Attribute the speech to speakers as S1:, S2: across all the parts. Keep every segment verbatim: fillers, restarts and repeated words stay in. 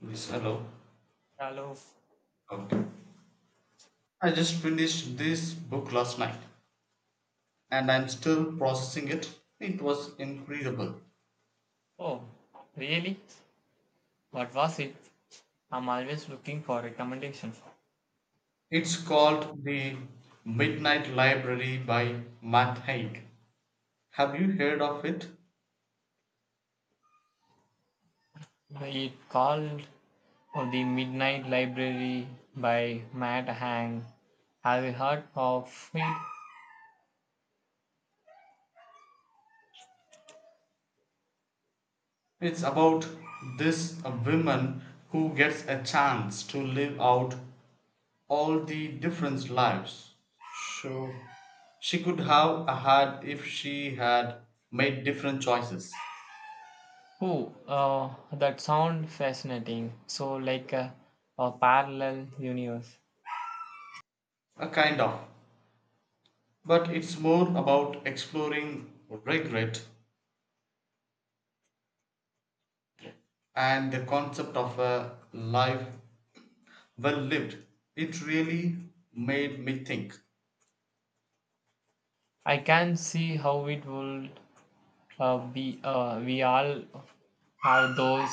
S1: Yes, hello.
S2: Hello.
S1: Okay. I just finished this book last night, and I'm still processing it. It was incredible.
S2: Oh, really? What was it? I'm always looking for recommendations.
S1: It's called The Midnight Library by Matt Haig. Have you heard of it?
S2: It called oh, The Midnight Library by Matt Hang. Have you heard of it?
S1: It's about this uh, woman who gets a chance to live out all the different lives So she could have had if she had made different choices.
S2: Oh, uh, that sounds fascinating. So, like a, a parallel universe.
S1: A kind of. But it's more about exploring regret and the concept of a life well lived. It really made me think.
S2: I can see how it would uh, be. Uh, we all have those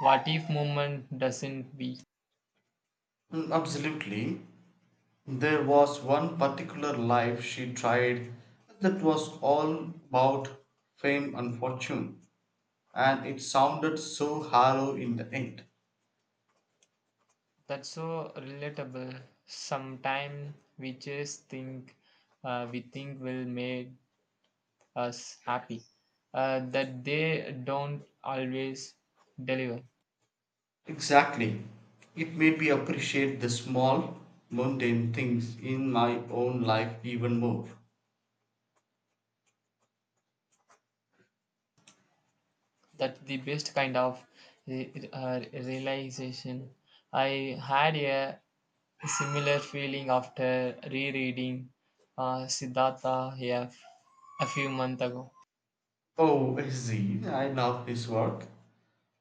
S2: what if moment, doesn't we?
S1: Mm, absolutely. There was one particular life she tried that was all about fame and fortune, and it sounded so hollow in the end.
S2: That's so relatable. Sometimes we just think uh, we think will make us happy. Uh, that they don't always deliver.
S1: Exactly. It made me appreciate the small, mundane things in my own life even more.
S2: That's the best kind of re- uh, realization. I had a similar feeling after rereading uh, Siddhartha here f- a few months ago.
S1: Oh, Izzy, I love this work.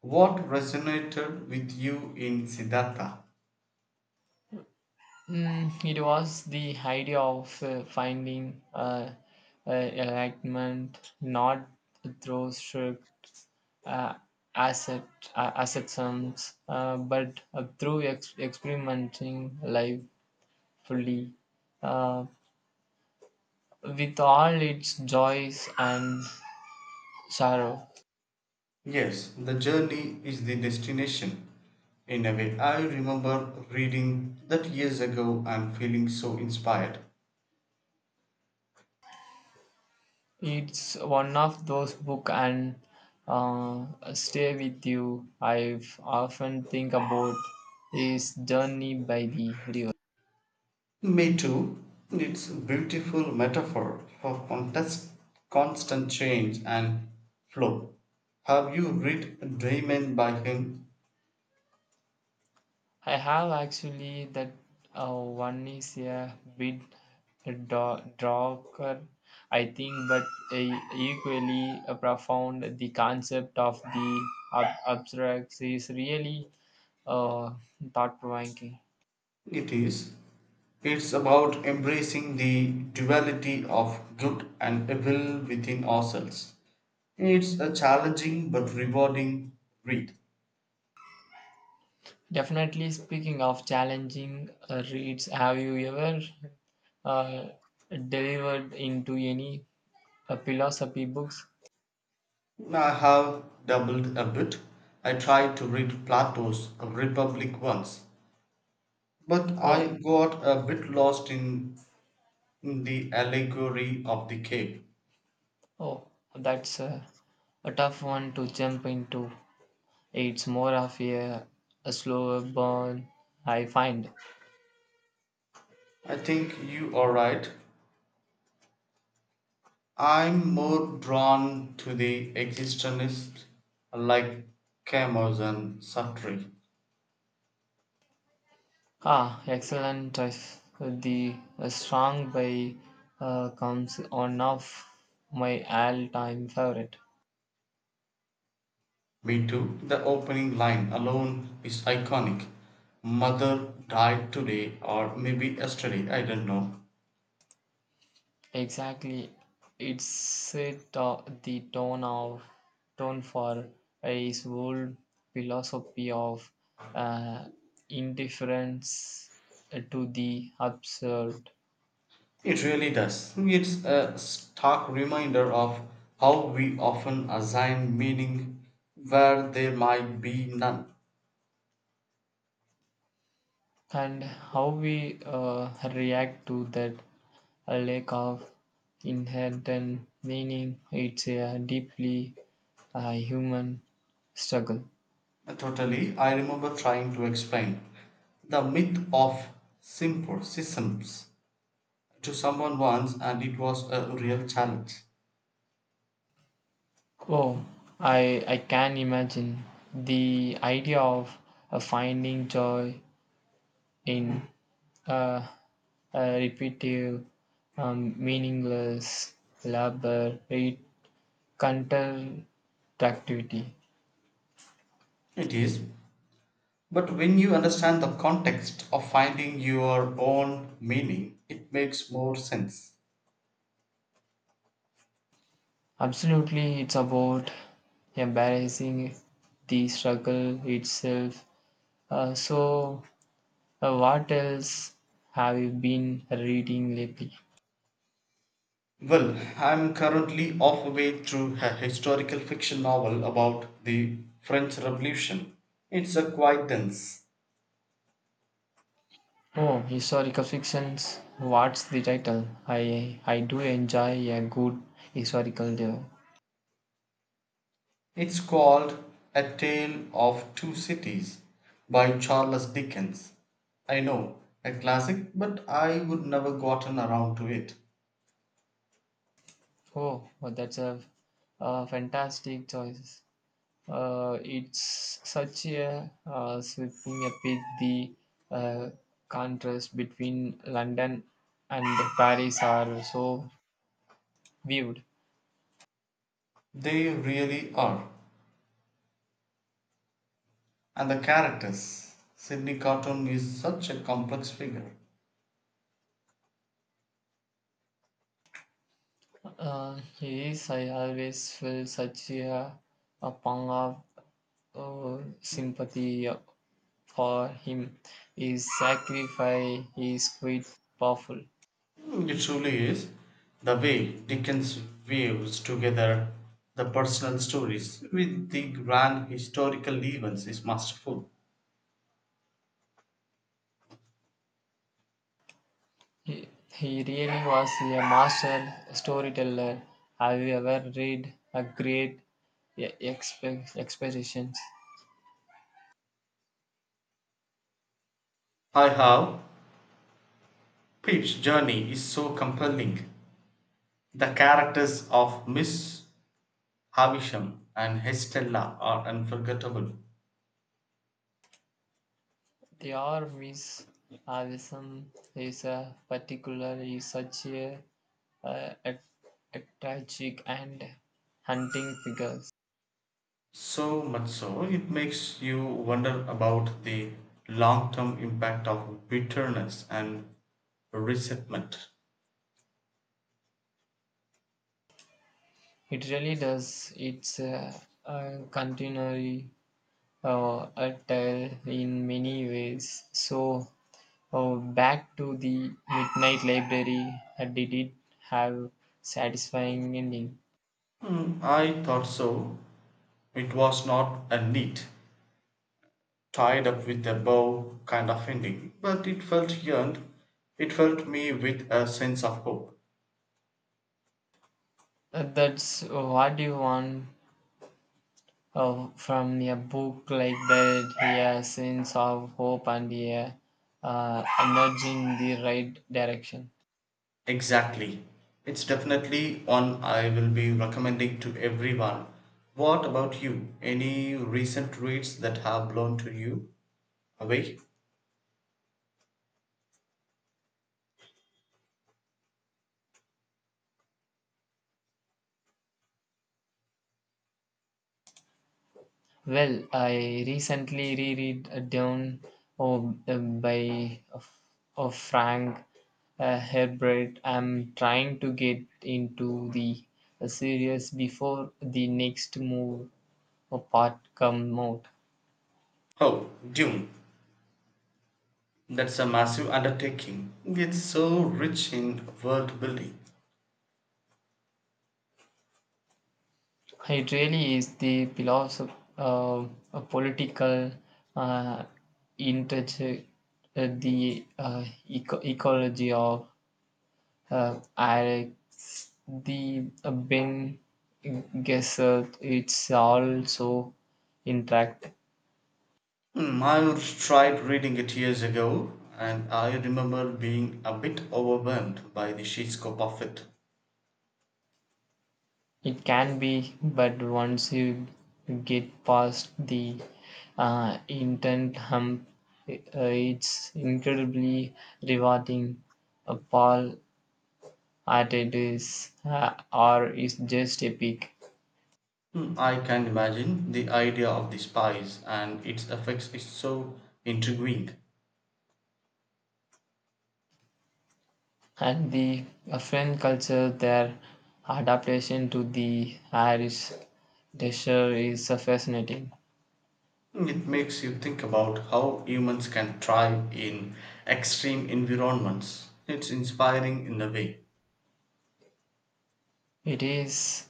S1: What resonated with you in Siddhartha?
S2: Mm, it was the idea of uh, finding uh, uh, alignment, not through strict uh, asset uh, asset sums, uh, but uh, through ex- experimenting life fully, uh, with all its joys and sorrow.
S1: Yes, the journey is the destination. In a way, I remember reading that years ago and feeling so inspired.
S2: It's one of those book and uh, stay with you. I've often think about his journey by the river.
S1: Me too. It's a beautiful metaphor for contest, constant change and flow. Have you read Dreamin' by him?
S2: I have actually that uh, one is a bit da- darker, I think, but uh, equally uh, profound. The concept of the ab- abstract is really uh, thought provoking.
S1: It is. It's about embracing the duality of good and evil within ourselves. It's a challenging but rewarding read.
S2: Definitely, speaking of challenging uh, reads, have you ever uh, delivered into any uh, philosophy books?
S1: I have doubled a bit. I tried to read Plato's Republic once, but
S2: Oh,
S1: I got a bit lost in, in the allegory of the cave.
S2: oh, that's a, a tough one to jump into. It's more of a, a slower burn, I find.
S1: I think you are right. I'm more drawn to the existentialists like Camus and Sartre.
S2: Ah, excellent choice. The uh, Strong by uh, comes one of my all-time favorite.
S1: Me too. The opening line alone is iconic. Mother died today, or maybe yesterday, I don't know.
S2: Exactly, it set uh, the tone of tone for his whole philosophy of uh, indifference to the absurd.
S1: It really does. It's a stark reminder of how we often assign meaning where there might be none.
S2: And how we uh, react to that uh, lack of inherent meaning, it's a deeply uh, human struggle.
S1: Totally, I remember trying to explain the myth of simple systems to someone once, and it was a real challenge.
S2: Oh, i i can imagine the idea of uh, finding joy in uh, uh, repetitive um, meaningless labor, it counteractivity.
S1: It is. But when you understand the context of finding your own meaning, it makes more sense.
S2: Absolutely, it's about embarrassing the struggle itself. Uh, so, uh, what else have you been reading lately?
S1: Well, I'm currently halfway through a historical fiction novel about the French Revolution. It's a quite dense.
S2: Oh, historical fictions. What's the title? I I do enjoy a good historical. Uh,
S1: It's called A Tale of Two Cities by Charles Dickens. I know, a classic, but I would never gotten around to it.
S2: oh, well, that's a, a fantastic choice. Uh, it's such a uh, sweeping epic, the uh, contrast between London and Paris are so vivid.
S1: They really are. And the characters. Sydney Carton is such a complex figure.
S2: Uh, yes, I always felt such a, a pang of uh, sympathy for him. His sacrifice is quite powerful.
S1: Mm, it truly is. The way Dickens weaves together the personal stories with the grand historical events is masterful.
S2: He, he really was a master storyteller. Have you ever read a great e- exp- expositions?
S1: I have. Pip's journey is so compelling. The characters of Miss Havisham and Estella are unforgettable.
S2: The Orvis Avism is a particularly such a, a, a, a tragic and hunting figures.
S1: So much so, it makes you wonder about the long term impact of bitterness and resentment.
S2: It really does. It's a, a continually uh, a tale in many ways. So oh, back to the Midnight Library. Uh, Did it have satisfying ending?
S1: Hmm, I thought so. It was not a neat, tied up with a bow kind of ending, but it felt yearned. It felt me with a sense of hope.
S2: Uh, That's what you want uh, from a book like that. A sense of hope and a uh, nudge in the right direction.
S1: Exactly. It's definitely one I will be recommending to everyone. What about you? Any recent reads that have blown to you away?
S2: Well, I recently reread uh, Down oh, uh, by of, of Frank uh, Herbert. I'm trying to get into the uh, series before the next move or part come out.
S1: Oh, Dune. That's a massive undertaking. It's so rich in world building.
S2: It really is the philosoph- uh, a political uh, interject uh, the uh, eco- ecology of uh, Alex, the uh, Ben Gesserit, it's also intact.
S1: Hmm, I tried reading it years ago, and I remember being a bit overwhelmed by the sheer scope of it.
S2: It can be, but once you get past the uh, intent hump, i- uh, it's incredibly rewarding. Uh, Paul Atreides uh, or is just epic.
S1: Hmm, I can imagine. The idea of the spies and its effects is so intriguing.
S2: And the uh, French culture, their adaptation to the Irish desert is uh, fascinating.
S1: Hmm, it makes you think about how humans can thrive in extreme environments. It's inspiring in a way.
S2: It is,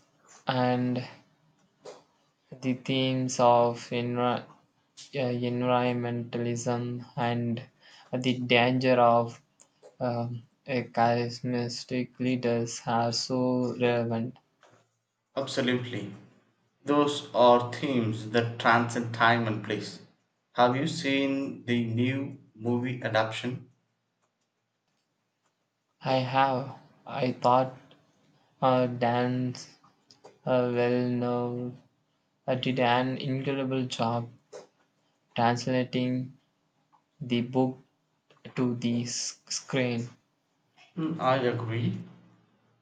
S2: and the themes of enra- uh, environmentalism and the danger of um, a charismatic leaders are so relevant.
S1: Absolutely. Those are themes that transcend time and place. Have you seen the new movie adaptation?
S2: I have, I thought, uh, Dan's uh, well known, uh, did an incredible job translating the book to the s- screen.
S1: Hmm, I agree.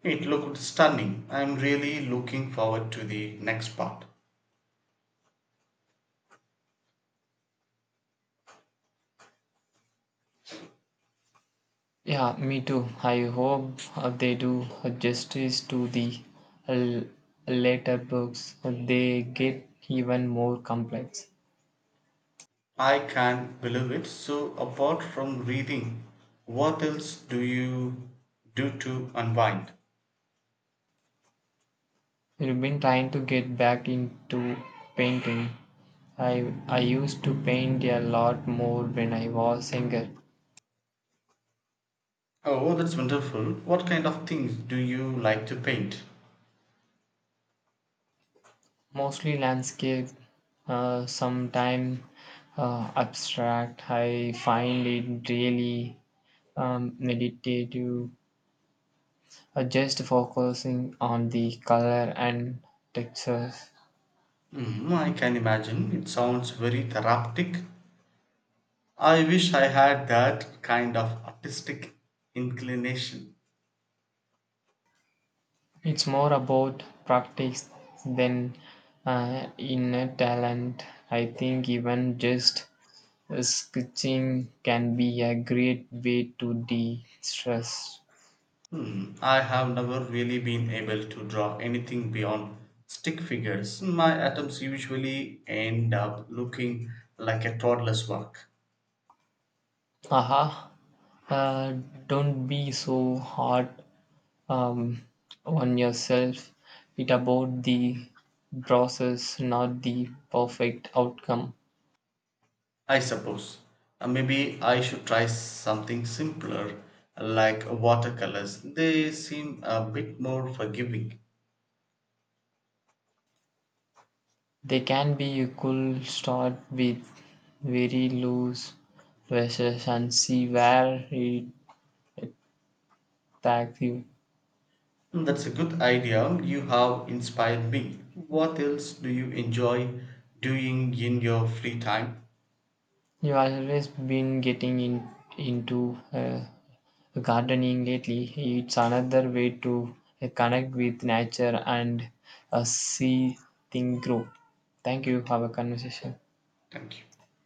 S1: It looked stunning. I'm really looking forward to the next part.
S2: Yeah, me too. I hope uh, they do justice to the l- later books. They get even more complex.
S1: I can't believe it. So, apart from reading, what else do you do to unwind?
S2: I've been trying to get back into painting. I I used to paint a lot more when I was younger.
S1: Oh, that's wonderful. What kind of things do you like to paint?
S2: Mostly landscape, uh, sometimes uh, abstract. I find it really um, meditative, uh, just focusing on the color and textures.
S1: Hmm, I can imagine. It sounds very therapeutic. I wish I had that kind of artistic inclination.
S2: It's more about practice than uh, inner talent. I think even just uh, sketching can be a great way to de stress.
S1: Hmm, I have never really been able to draw anything beyond stick figures. My attempts usually end up looking like a toddler's work.
S2: Haha, uh, don't be so hard um, on yourself. It about the process, not the perfect outcome.
S1: I suppose. Uh, Maybe I should try something simpler like watercolors. They seem a bit more forgiving.
S2: They can be a cool start with very loose verses and see where it takes you.
S1: Mm, that's a good idea. You have inspired me. What else do you enjoy doing in your free time?
S2: You always been getting in, into uh, gardening lately. It's another way to uh, connect with nature and uh, see things grow. Thank you. Have a conversation.
S1: Thank you.